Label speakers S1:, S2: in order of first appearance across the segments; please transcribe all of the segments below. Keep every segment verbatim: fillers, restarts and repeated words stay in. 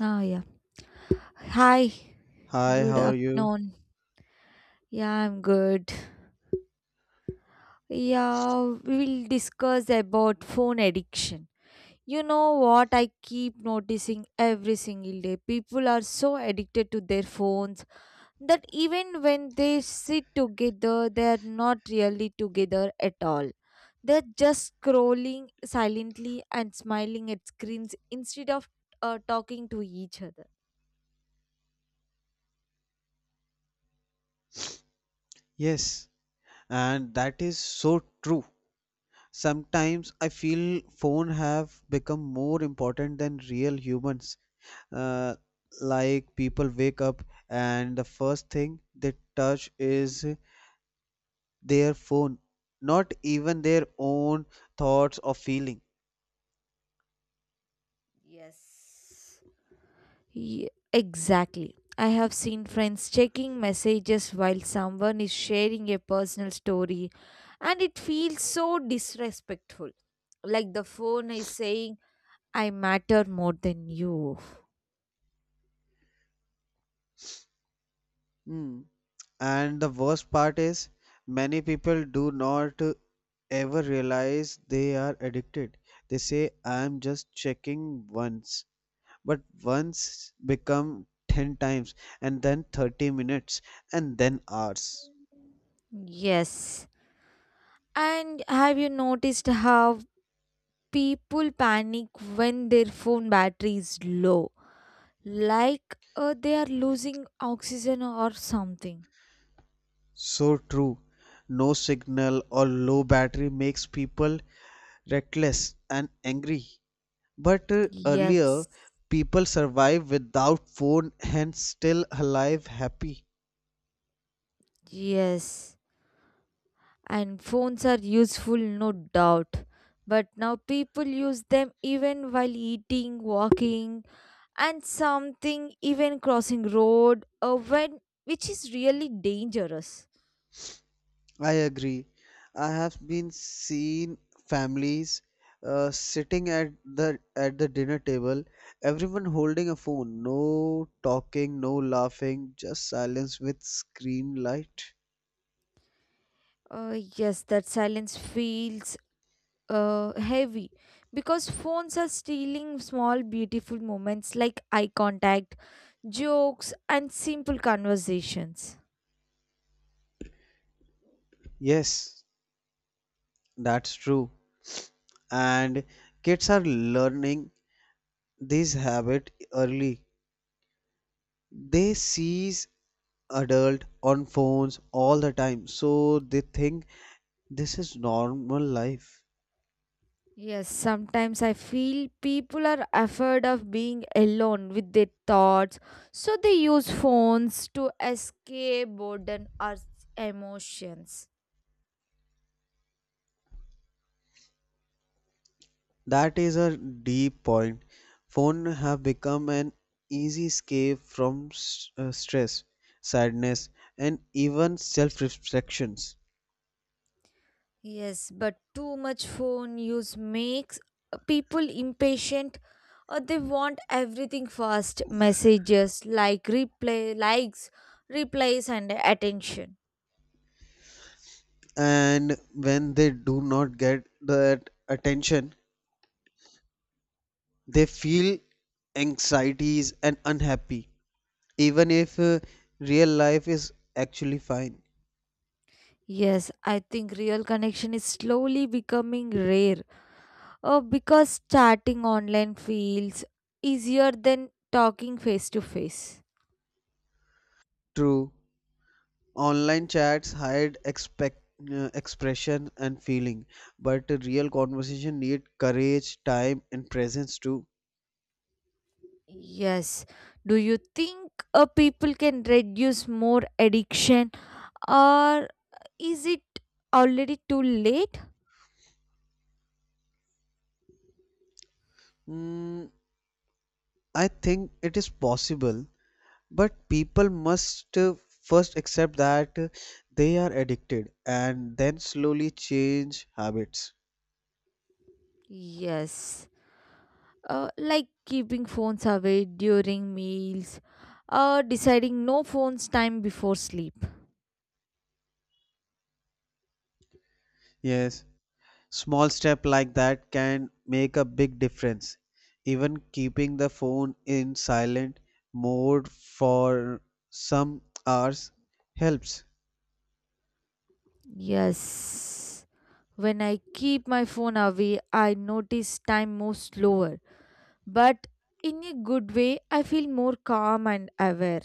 S1: Ah, yeah. Hi.
S2: Hi,
S1: Good
S2: how are you?
S1: afternoon. Yeah, I'm good. Yeah, we will discuss about phone addiction. You know what I keep noticing every single day? People are so addicted to their phones that even when they sit together, they are not really together at all. They're just scrolling silently and smiling at screens instead of uh, talking to each other.
S2: Yes, and that is so true. Sometimes I feel phone have become more important than real humans. Uh, like people wake up, and the first thing they touch is their phone, not even their own thoughts or feelings.
S1: Yes. Ye- exactly. I have seen friends checking messages while someone is sharing a personal story, and it feels so disrespectful. Like the phone is saying, "I matter more than you."
S2: Mm. And the worst part is, many people do not ever realize they are addicted. They say, I'm just checking once. But once become ten times, and then thirty minutes, and then hours.
S1: Yes. And have you noticed how people panic when their phone battery is low? Like uh, they are losing oxygen or something.
S2: So true. No signal or low battery makes people reckless and angry. But uh,
S1: Yes.
S2: earlier, people survived without phone and still alive happy.
S1: Yes, and phones are useful, no doubt, but now people use them even while eating, walking, and something, even crossing road, uh, when which is really dangerous.
S2: I agree. I have been seen families, uh, sitting at the at the dinner table, everyone holding a phone, no talking, no laughing, just silence with screen light.
S1: uh, yes, that silence feels uh, heavy because phones are stealing small beautiful moments like eye contact, jokes, and simple conversations.
S2: Yes, that's true. And kids are learning this habit early. They seize adult on phones all the time, so they think this is normal life.
S1: Yes, sometimes I feel people are afraid of being alone with their thoughts, so they use phones to escape boredom or emotions.
S2: That is a deep point. Phone have become an easy escape from s- uh, stress, sadness, and even self-reflections.
S1: Yes, but too much phone use makes people impatient, or they want everything fast: messages like replay, likes, replies, and attention.
S2: And when they do not get that attention, they feel anxieties and unhappy, even if uh, real life is actually fine.
S1: Yes, I think real connection is slowly becoming rare. Uh, because starting online feels easier than talking face to face.
S2: True. Online chats hide expect, uh, expression and feeling, but a real conversation need courage, time, and presence too.
S1: Yes. Do you think uh, people can reduce more addiction, or is it already too late?
S2: Mm, I think it is possible, but people must uh, first accept that uh, they are addicted and then slowly change habits.
S1: Yes. Uh, like keeping phones away during meals, or deciding no phones time before sleep.
S2: Yes. Small step like that can make a big difference. Even keeping the phone in silent mode for some hours helps.
S1: Yes. When I keep my phone away, I notice time moves slower, but in a good way, I feel more calm and aware.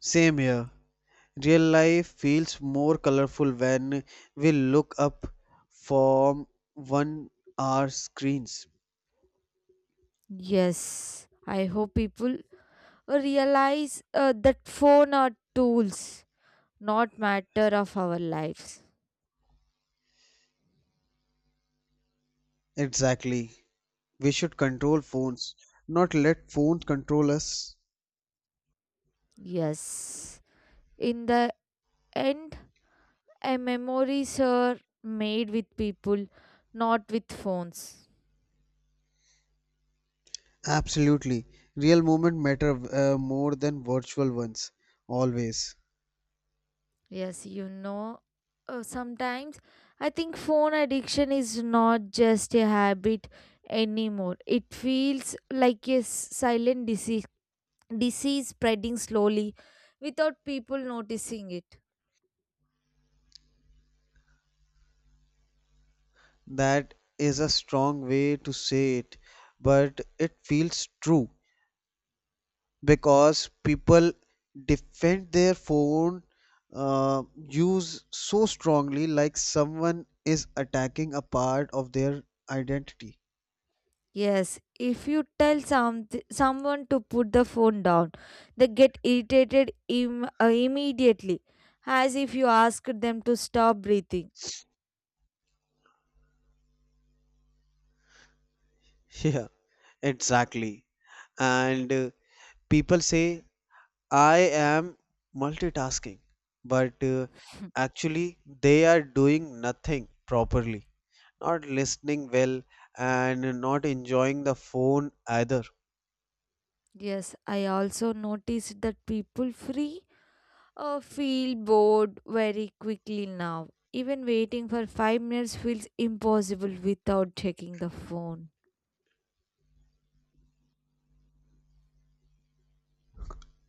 S2: Same here. Real life feels more colorful when we look up from one hour screens.
S1: Yes, I hope people realize uh, that phone are tools, not matter of our lives.
S2: Exactly. We should control phones, not let phones control us.
S1: Yes, in the end, our memories are made with people, not with phones.
S2: Absolutely. Real moment matter uh, more than virtual ones. Always.
S1: Yes, you know, uh, sometimes I think phone addiction is not just a habit anymore. It feels like a s- silent disease, disease spreading slowly without people noticing it.
S2: That is a strong way to say it, but it feels true because people defend their phone uh, use so strongly, like someone is attacking a part of their identity.
S1: Yes, if you tell some, someone to put the phone down, they get irritated Im- uh, immediately, as if you asked them to stop breathing.
S2: Yeah, exactly. And uh, people say I am multitasking, but uh, actually they are doing nothing properly, not listening well and not enjoying the phone either.
S1: Yes, I also noticed that people free Uh, feel bored very quickly now. Even waiting for five minutes feels impossible without checking the phone.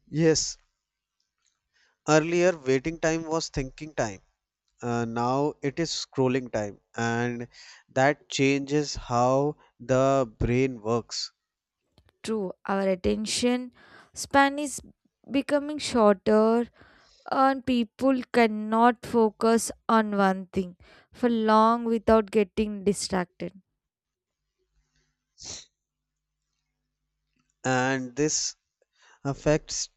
S2: Yes, earlier waiting time was thinking time. Uh, now it is scrolling time, and that changes how the brain works.
S1: True, our attention span is becoming shorter, and people cannot focus on one thing for long without getting distracted.
S2: And this affects,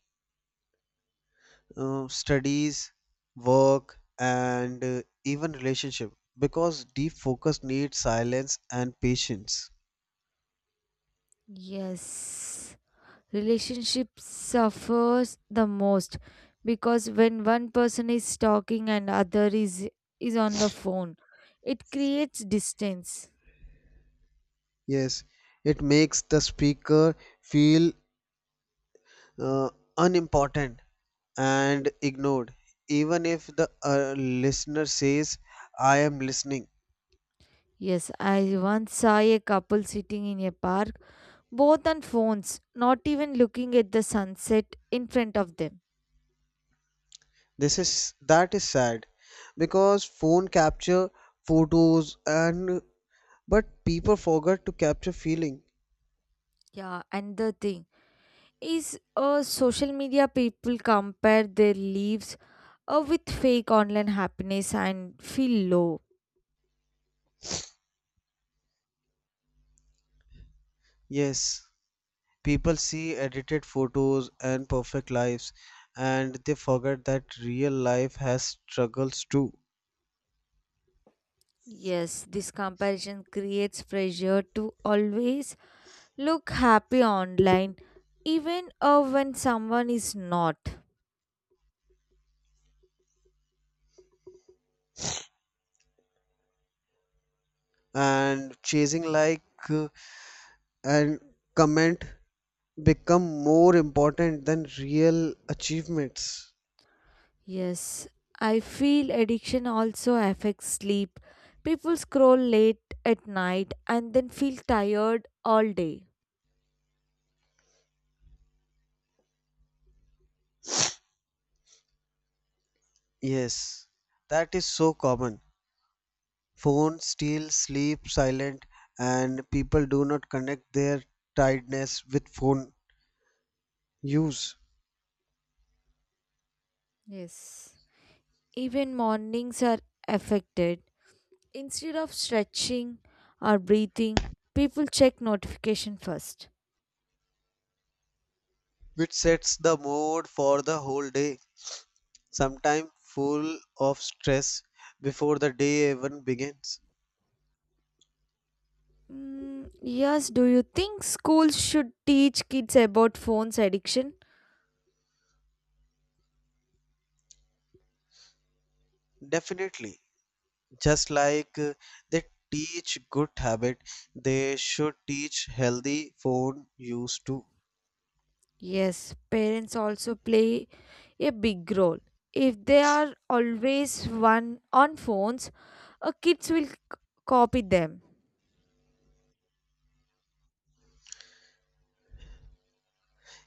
S2: uh, studies, work, and uh, even relationship because deep focus needs silence and patience.
S1: Yes. Relationship suffers the most because when one person is talking and other is is on the phone, it creates distance.
S2: Yes, it makes the speaker feel, uh, unimportant and ignored, even if the uh, listener says, "I am listening."
S1: Yes, I once saw a couple sitting in a park, both on phones, not even looking at the sunset in front of them.
S2: This is that is sad because phone capture photos and but people forgot to capture feeling.
S1: Yeah, and the thing is, uh, social media, people compare their lives uh, with fake online happiness and feel low.
S2: Yes. People see edited photos and perfect lives, and they forget that real life has struggles too.
S1: Yes, this comparison creates pressure to always look happy online, even uh, when someone is not.
S2: And chasing like, uh, and comment become more important than real achievements.
S1: Yes, I feel addiction also affects sleep. People scroll late at night and then feel tired all day.
S2: Yes, that is so common. Phones steal sleep silent, and people do not connect their tiredness with phone use,
S1: Yes, even mornings are affected. Instead of stretching or breathing, people check notification first.
S2: which sets the mood for the whole day. Sometimes full of stress before the day even begins.
S1: Mm, yes, do you think schools should teach kids about phones addiction?
S2: Definitely, just like uh, they teach good habit, they should teach healthy phone use too.
S1: Yes, parents also play a big role. If they are always one on phones, uh, kids will c- copy them.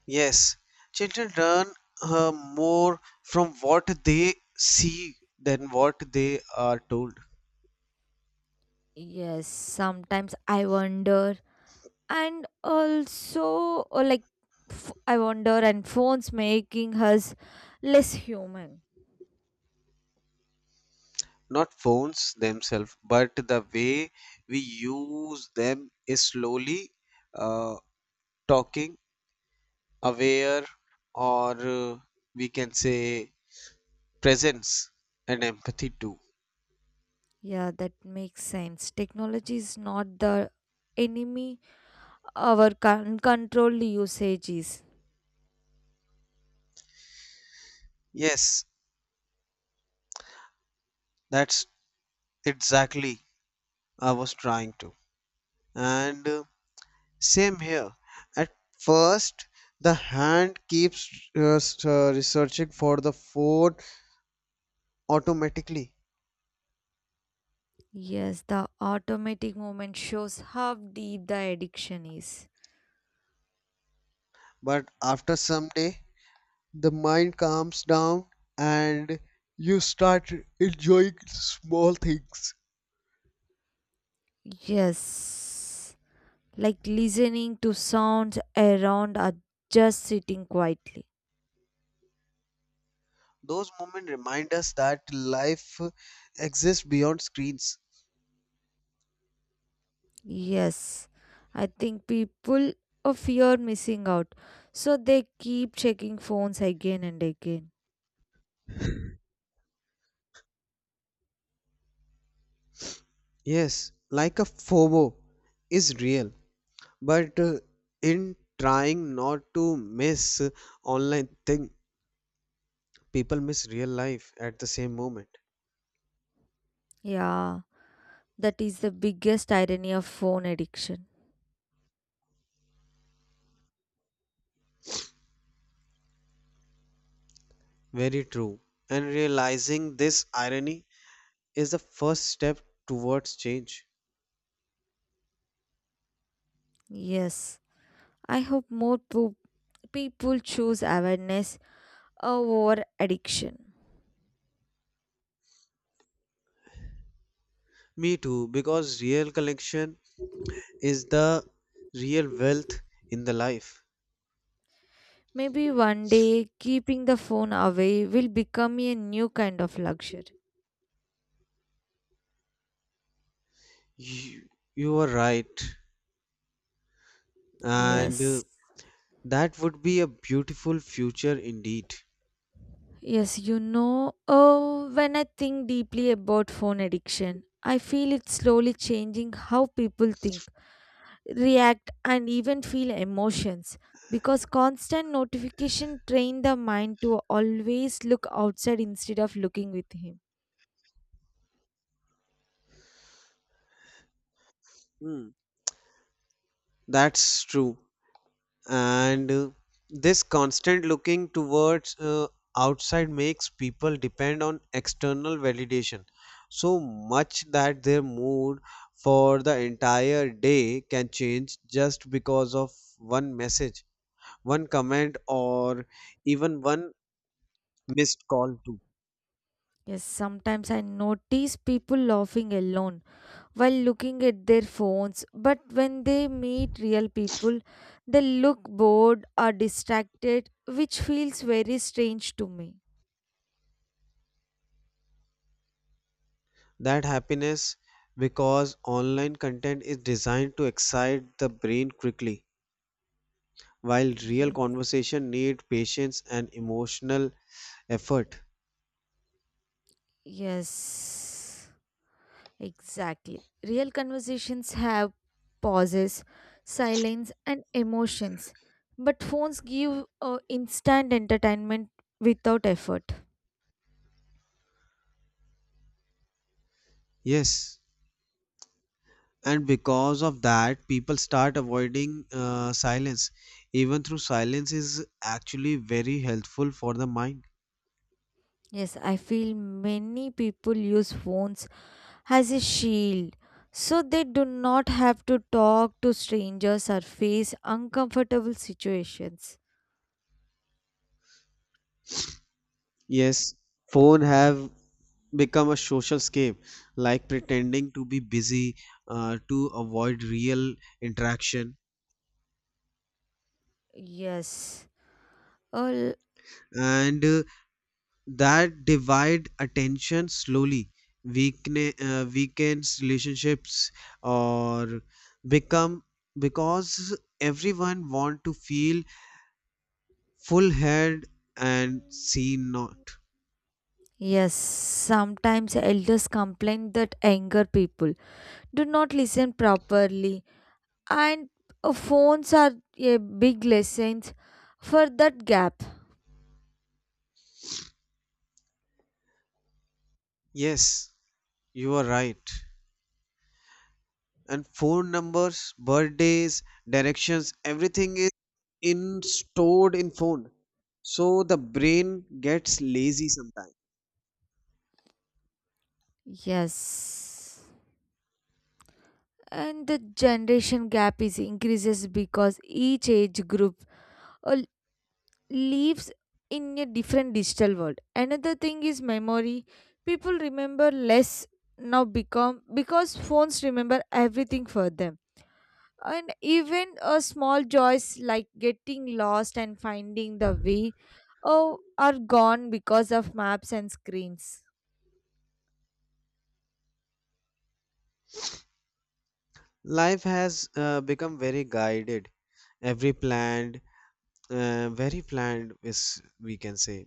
S2: Yes, children learn uh, more from what they see than what they are told.
S1: Yes, sometimes I wonder, and also, uh, like, f- I wonder, and phones making us less human.
S2: Not phones themselves, but the way we use them is slowly uh, talking aware, or uh, we can say presence and empathy too.
S1: Yeah, that makes sense. Technology is not the enemy, our uncontrolled usages.
S2: Yes, that's exactly I was trying to, and uh, same here. At first the hand keeps uh, s- uh, researching for the phone automatically,
S1: Yes, the automatic movement shows how deep the addiction is.
S2: but after some day the mind calms down, and you start enjoying small things.
S1: Yes, like listening to sounds around, or just sitting quietly.
S2: Those moments remind us that life exists beyond screens.
S1: Yes, I think people uh, fear missing out, so they keep checking phones again and again.
S2: Yes, like a FOMO is real, but uh, in trying not to miss online thing, people miss real life at the same moment.
S1: Yeah, that is the biggest irony of phone addiction.
S2: Very true. And realizing this irony is the first step towards change.
S1: Yes, I hope more po- people choose awareness, a war addiction.
S2: Me too, because real connection is the real wealth in the life.
S1: Maybe one day keeping the phone away will become a new kind of luxury.
S2: You, you are right. and uh,
S1: Yes.
S2: that would be a beautiful future indeed.
S1: Yes, you know, oh, when I think deeply about phone addiction, I feel it's slowly changing how people think, react, and even feel emotions. Because constant notification train the mind to always look outside instead of looking with him.
S2: Hmm. That's true. And uh, this constant looking towards uh, outside makes people depend on external validation so much that their mood for the entire day can change just because of one message, one comment, or even one missed call, too.
S1: Yes, sometimes I notice people laughing alone while looking at their phones, but when they meet real people, they look bored or distracted, which feels very strange to me.
S2: That happiness because online content is designed to excite the brain quickly while real
S1: Yes.
S2: conversation need patience and emotional effort.
S1: Yes, exactly. Real conversations have pauses, silence, and emotions, but phones give uh, instant entertainment without effort.
S2: Yes, and because of that people start avoiding uh, silence, even through silence is actually very helpful for the mind.
S1: Yes, I feel many people use phones as a shield, so they do not have to talk to strangers or face uncomfortable situations.
S2: Yes, phone have become a social scape, like pretending to be busy uh, to avoid real interaction.
S1: Yes. Well,
S2: And uh, that divide attention slowly weakne- uh, weakens relationships, or become because everyone want to feel full head and seen not.
S1: yes, sometimes elders complain that younger people do not listen properly, and uh, phones are a big lesson for that gap.
S2: Yes, you are right. And phone numbers, birthdays, directions, everything is in stored in phone, so the brain gets lazy sometimes.
S1: Yes. And the generation gap is increases because each age group uh, lives in a different digital world. Another thing is memory. People remember less now become because phones remember everything for them. And even a small joys like getting lost and finding the way oh, are gone because of maps and screens.
S2: Life has uh, become very guided, every planned uh, very planned is we can say,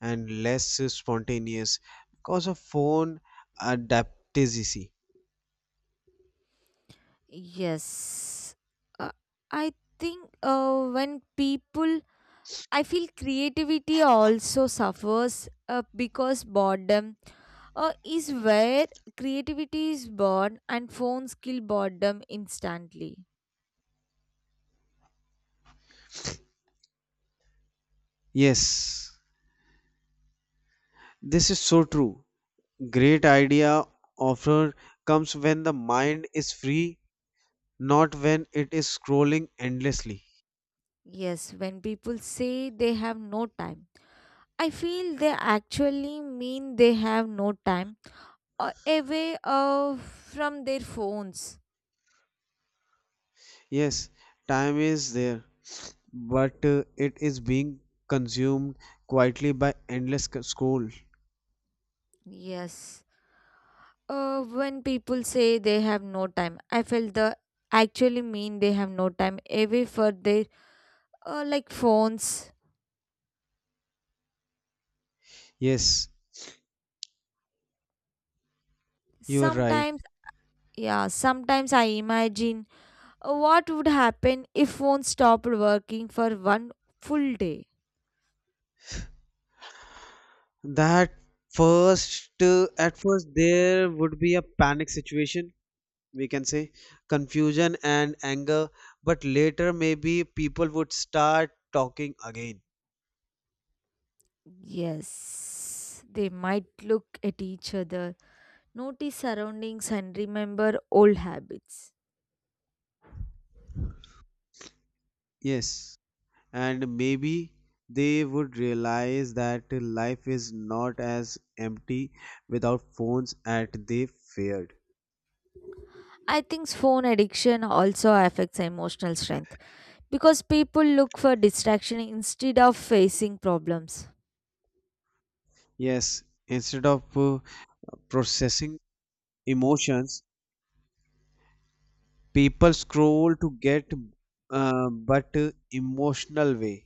S2: and less spontaneous because of phone adaptability.
S1: Yes. Uh, I think uh, when people I feel creativity also suffers uh, because boredom uh, is where creativity is born, and phones kill boredom instantly.
S2: Yes, this is so true. Great idea offer comes when the mind is free, not when it is scrolling endlessly.
S1: Yes, when people say they have no time, I feel they actually mean they have no time uh, away uh, from their phones.
S2: Yes, time is there, but uh, it is being consumed quietly by endless c- scroll.
S1: Yes. Uh, when people say they have no time, I felt the actually mean they have no time away for their uh, like phones.
S2: Yes, you're right.
S1: Sometimes, yeah, sometimes I imagine uh, what would happen if phones stopped working for one full day.
S2: That first, uh, at first, there would be a panic situation, we can say, confusion and anger, but later maybe people would start talking again.
S1: Yes, they might look at each other, notice surroundings, and remember old habits.
S2: Yes, and maybe they would realize that life is not as empty without phones as they feared.
S1: I think phone addiction also affects emotional strength because people look for distraction instead of facing problems.
S2: Yes, instead of uh, processing emotions, people scroll to get, uh, but uh, emotional way,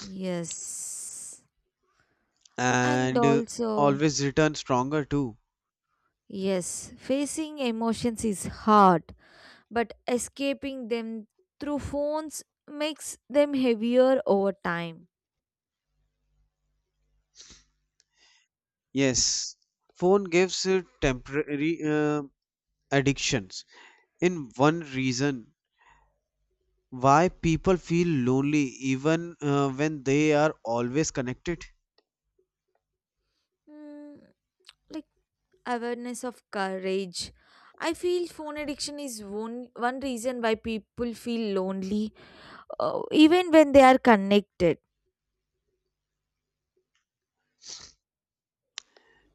S1: Yes. And
S2: and uh,
S1: also,
S2: always return stronger too.
S1: yes, facing emotions is hard, but escaping them through phones makes them heavier over time.
S2: Yes, phone gives uh, temporary uh, addictions in one reason why people feel lonely even uh, when they are always connected,
S1: Mm, like awareness of courage. I feel phone addiction is one, one reason why people feel lonely, uh, even when they are connected.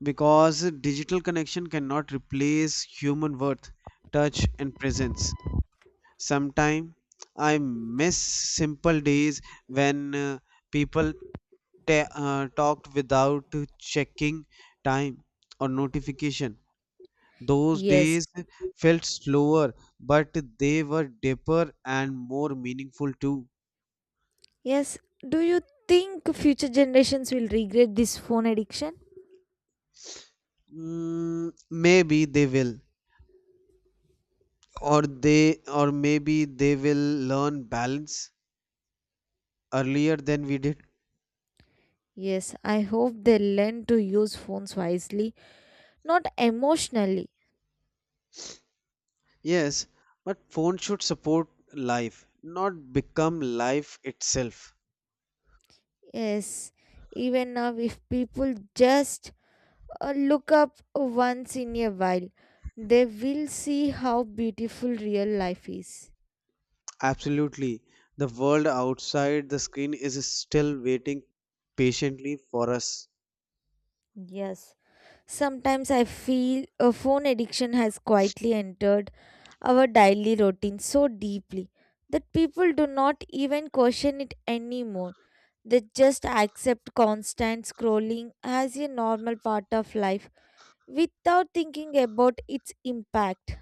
S2: because digital connection cannot replace human worth, touch and presence. Sometimes I miss simple days when uh, people ta uh, talked without checking time or notification. Those
S1: Yes.
S2: days felt slower, but they were deeper and more meaningful too.
S1: Yes. Do you think future generations will regret this phone addiction?
S2: Mm, maybe they will, or they, or maybe they will learn balance earlier than we did.
S1: Yes, I hope they learn to use phones wisely, not emotionally.
S2: Yes, but phone should support life, not become life itself.
S1: Yes, even now, if people just uh, look up once in a while, they will see how beautiful real life is.
S2: Absolutely. The world outside the screen is still waiting patiently for us.
S1: Yes. Sometimes I feel a phone addiction has quietly entered our daily routine so deeply that people do not even question it anymore. They just accept constant scrolling as a normal part of life without thinking about its impact.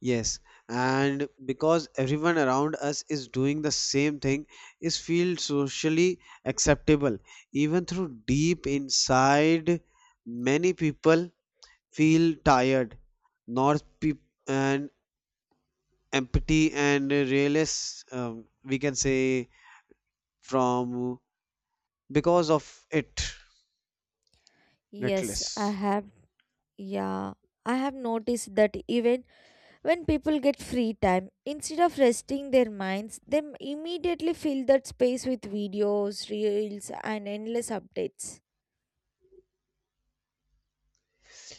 S2: Yes, and because everyone around us is doing the same thing, is feels socially acceptable. Even through deep inside, many people feel tired, not peop and empty and realist. Um, we can say from because of it,
S1: Yes, I
S2: netless.
S1: have. Yeah, I have noticed that even when people get free time, instead of resting their minds, they m- immediately fill that space with videos, reels, and endless updates.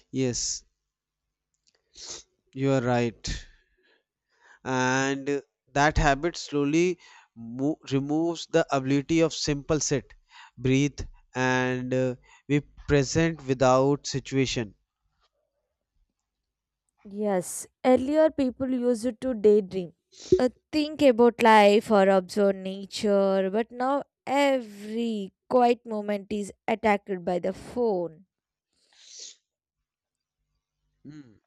S2: Yes, you are right. And that habit slowly mo- removes the ability of simple sit, breathe, and uh, be present without situation.
S1: Yes, earlier people used it to daydream. Uh, think about life or observe nature, but now every quiet moment is attacked by the phone.
S2: Hmm.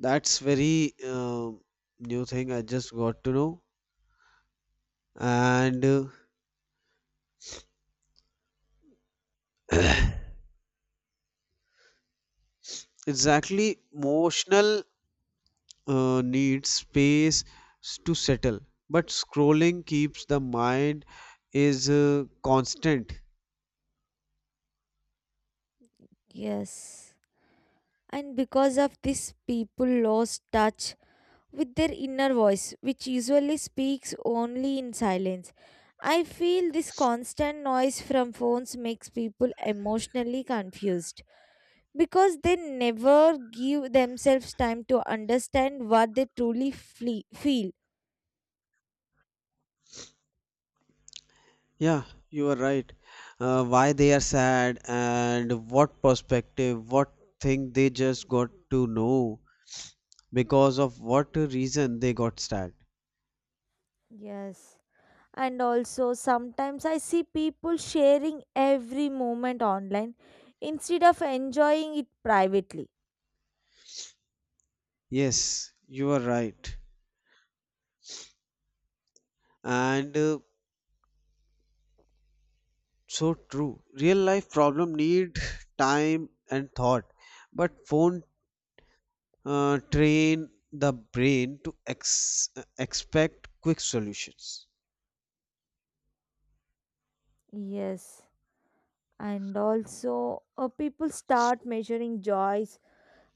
S2: That's very um new thing I just got to know. And uh, exactly, emotional uh, needs space s- to settle, but scrolling keeps the mind is uh, constant.
S1: Yes. And because of this, people lost touch with their inner voice, which usually speaks only in silence. I feel this constant noise from phones makes people emotionally confused because they never give themselves time to understand what they truly flee- feel.
S2: Yeah, you are right. Uh, why they are sad and what perspective, what thing they just got to know because of what reason they got sad.
S1: Yes. And also, sometimes I see people sharing every moment online instead of enjoying it privately.
S2: Yes, you are right. And uh, so true. Real life problem need time and thought, but phone uh, train the brain to ex- expect quick solutions.
S1: Yes, and also uh, people start measuring joys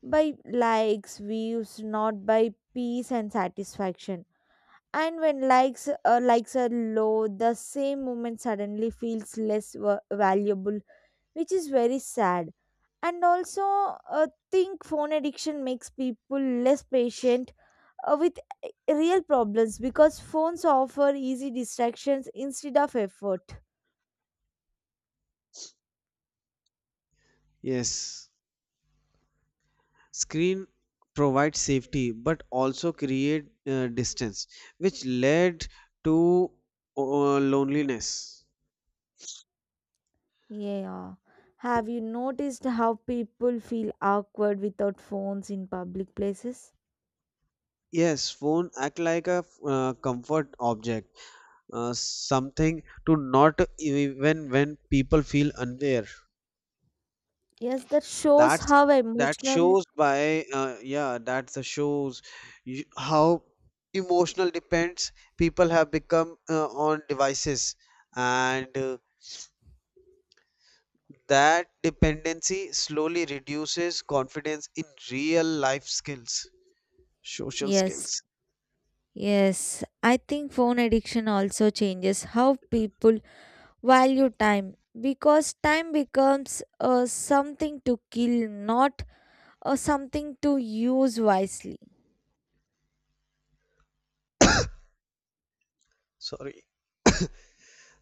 S1: by likes, views, not by peace and satisfaction. And when likes uh, likes are low, the same moment suddenly feels less wa- valuable, which is very sad. And also, uh, think phone addiction makes people less patient uh, with eh, real problems because phones offer easy distractions instead of effort.
S2: Yes. Screen provides safety but also create uh, distance which led to uh, loneliness.
S1: Yeah, have you noticed how people feel awkward without phones in public places?
S2: Yes, phone act like a uh, comfort object, uh, something to not even when people feel unaware.
S1: Yes, that shows
S2: That's
S1: how
S2: that
S1: emotional.
S2: shows by uh, yeah that's the shows you, how emotional depends people have become uh, on devices. And uh, That dependency slowly reduces confidence in real life skills, social
S1: Yes.
S2: skills.
S1: Yes, I think phone addiction also changes how people value time, because time becomes uh, something to kill, not uh, something to use wisely.
S2: Sorry.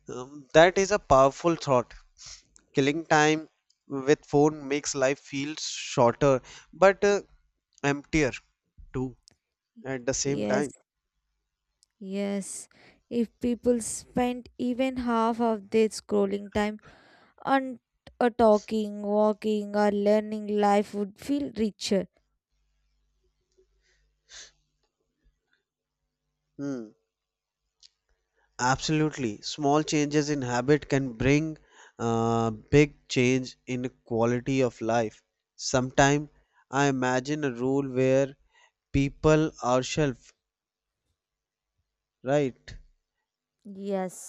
S2: Um, that is a powerful thought. Killing time with phone makes life feel shorter but uh, emptier too at the same
S1: Yes,
S2: time.
S1: yes. If people spend even half of their scrolling time on uh, talking, walking, or learning, life would feel richer.
S2: Hmm. Absolutely. Small changes in habit can bring uh, big change in quality of life. Sometime I imagine a rule where people ourselves. Right.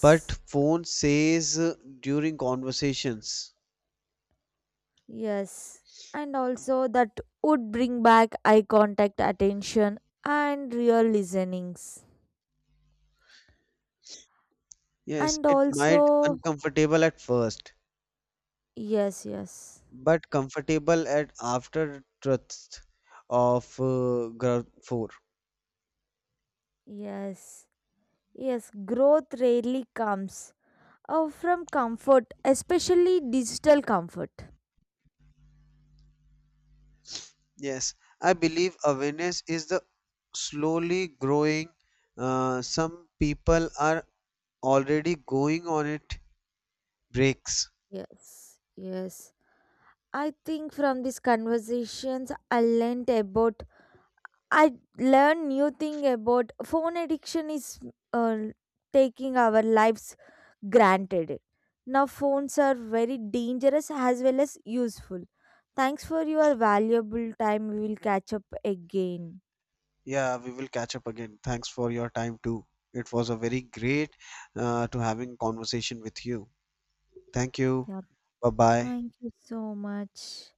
S2: But phone says uh, during conversations.
S1: Yes, and also that would bring back eye contact, attention, and real listenings.
S2: Yes,
S1: And
S2: it might
S1: also,
S2: uncomfortable at first,
S1: yes, yes,
S2: but comfortable at after truth of uh, graph four.
S1: yes, yes, growth rarely comes uh, from comfort, especially digital comfort.
S2: Yes, I believe awareness is the slowly growing. Uh, some people are already going on it breaks.
S1: Yes, yes. I think from these conversations, I learned about, I learned new thing about phone addiction is uh, taking our lives granted it. Now, phones are very dangerous as well as useful. Thanks for your valuable time. We will catch up again.
S2: Yeah, we will catch up again. Thanks for your time too. It was a very great uh, to having conversation with you. Thank you.
S1: Yeah,
S2: Bye bye.
S1: thank you so much.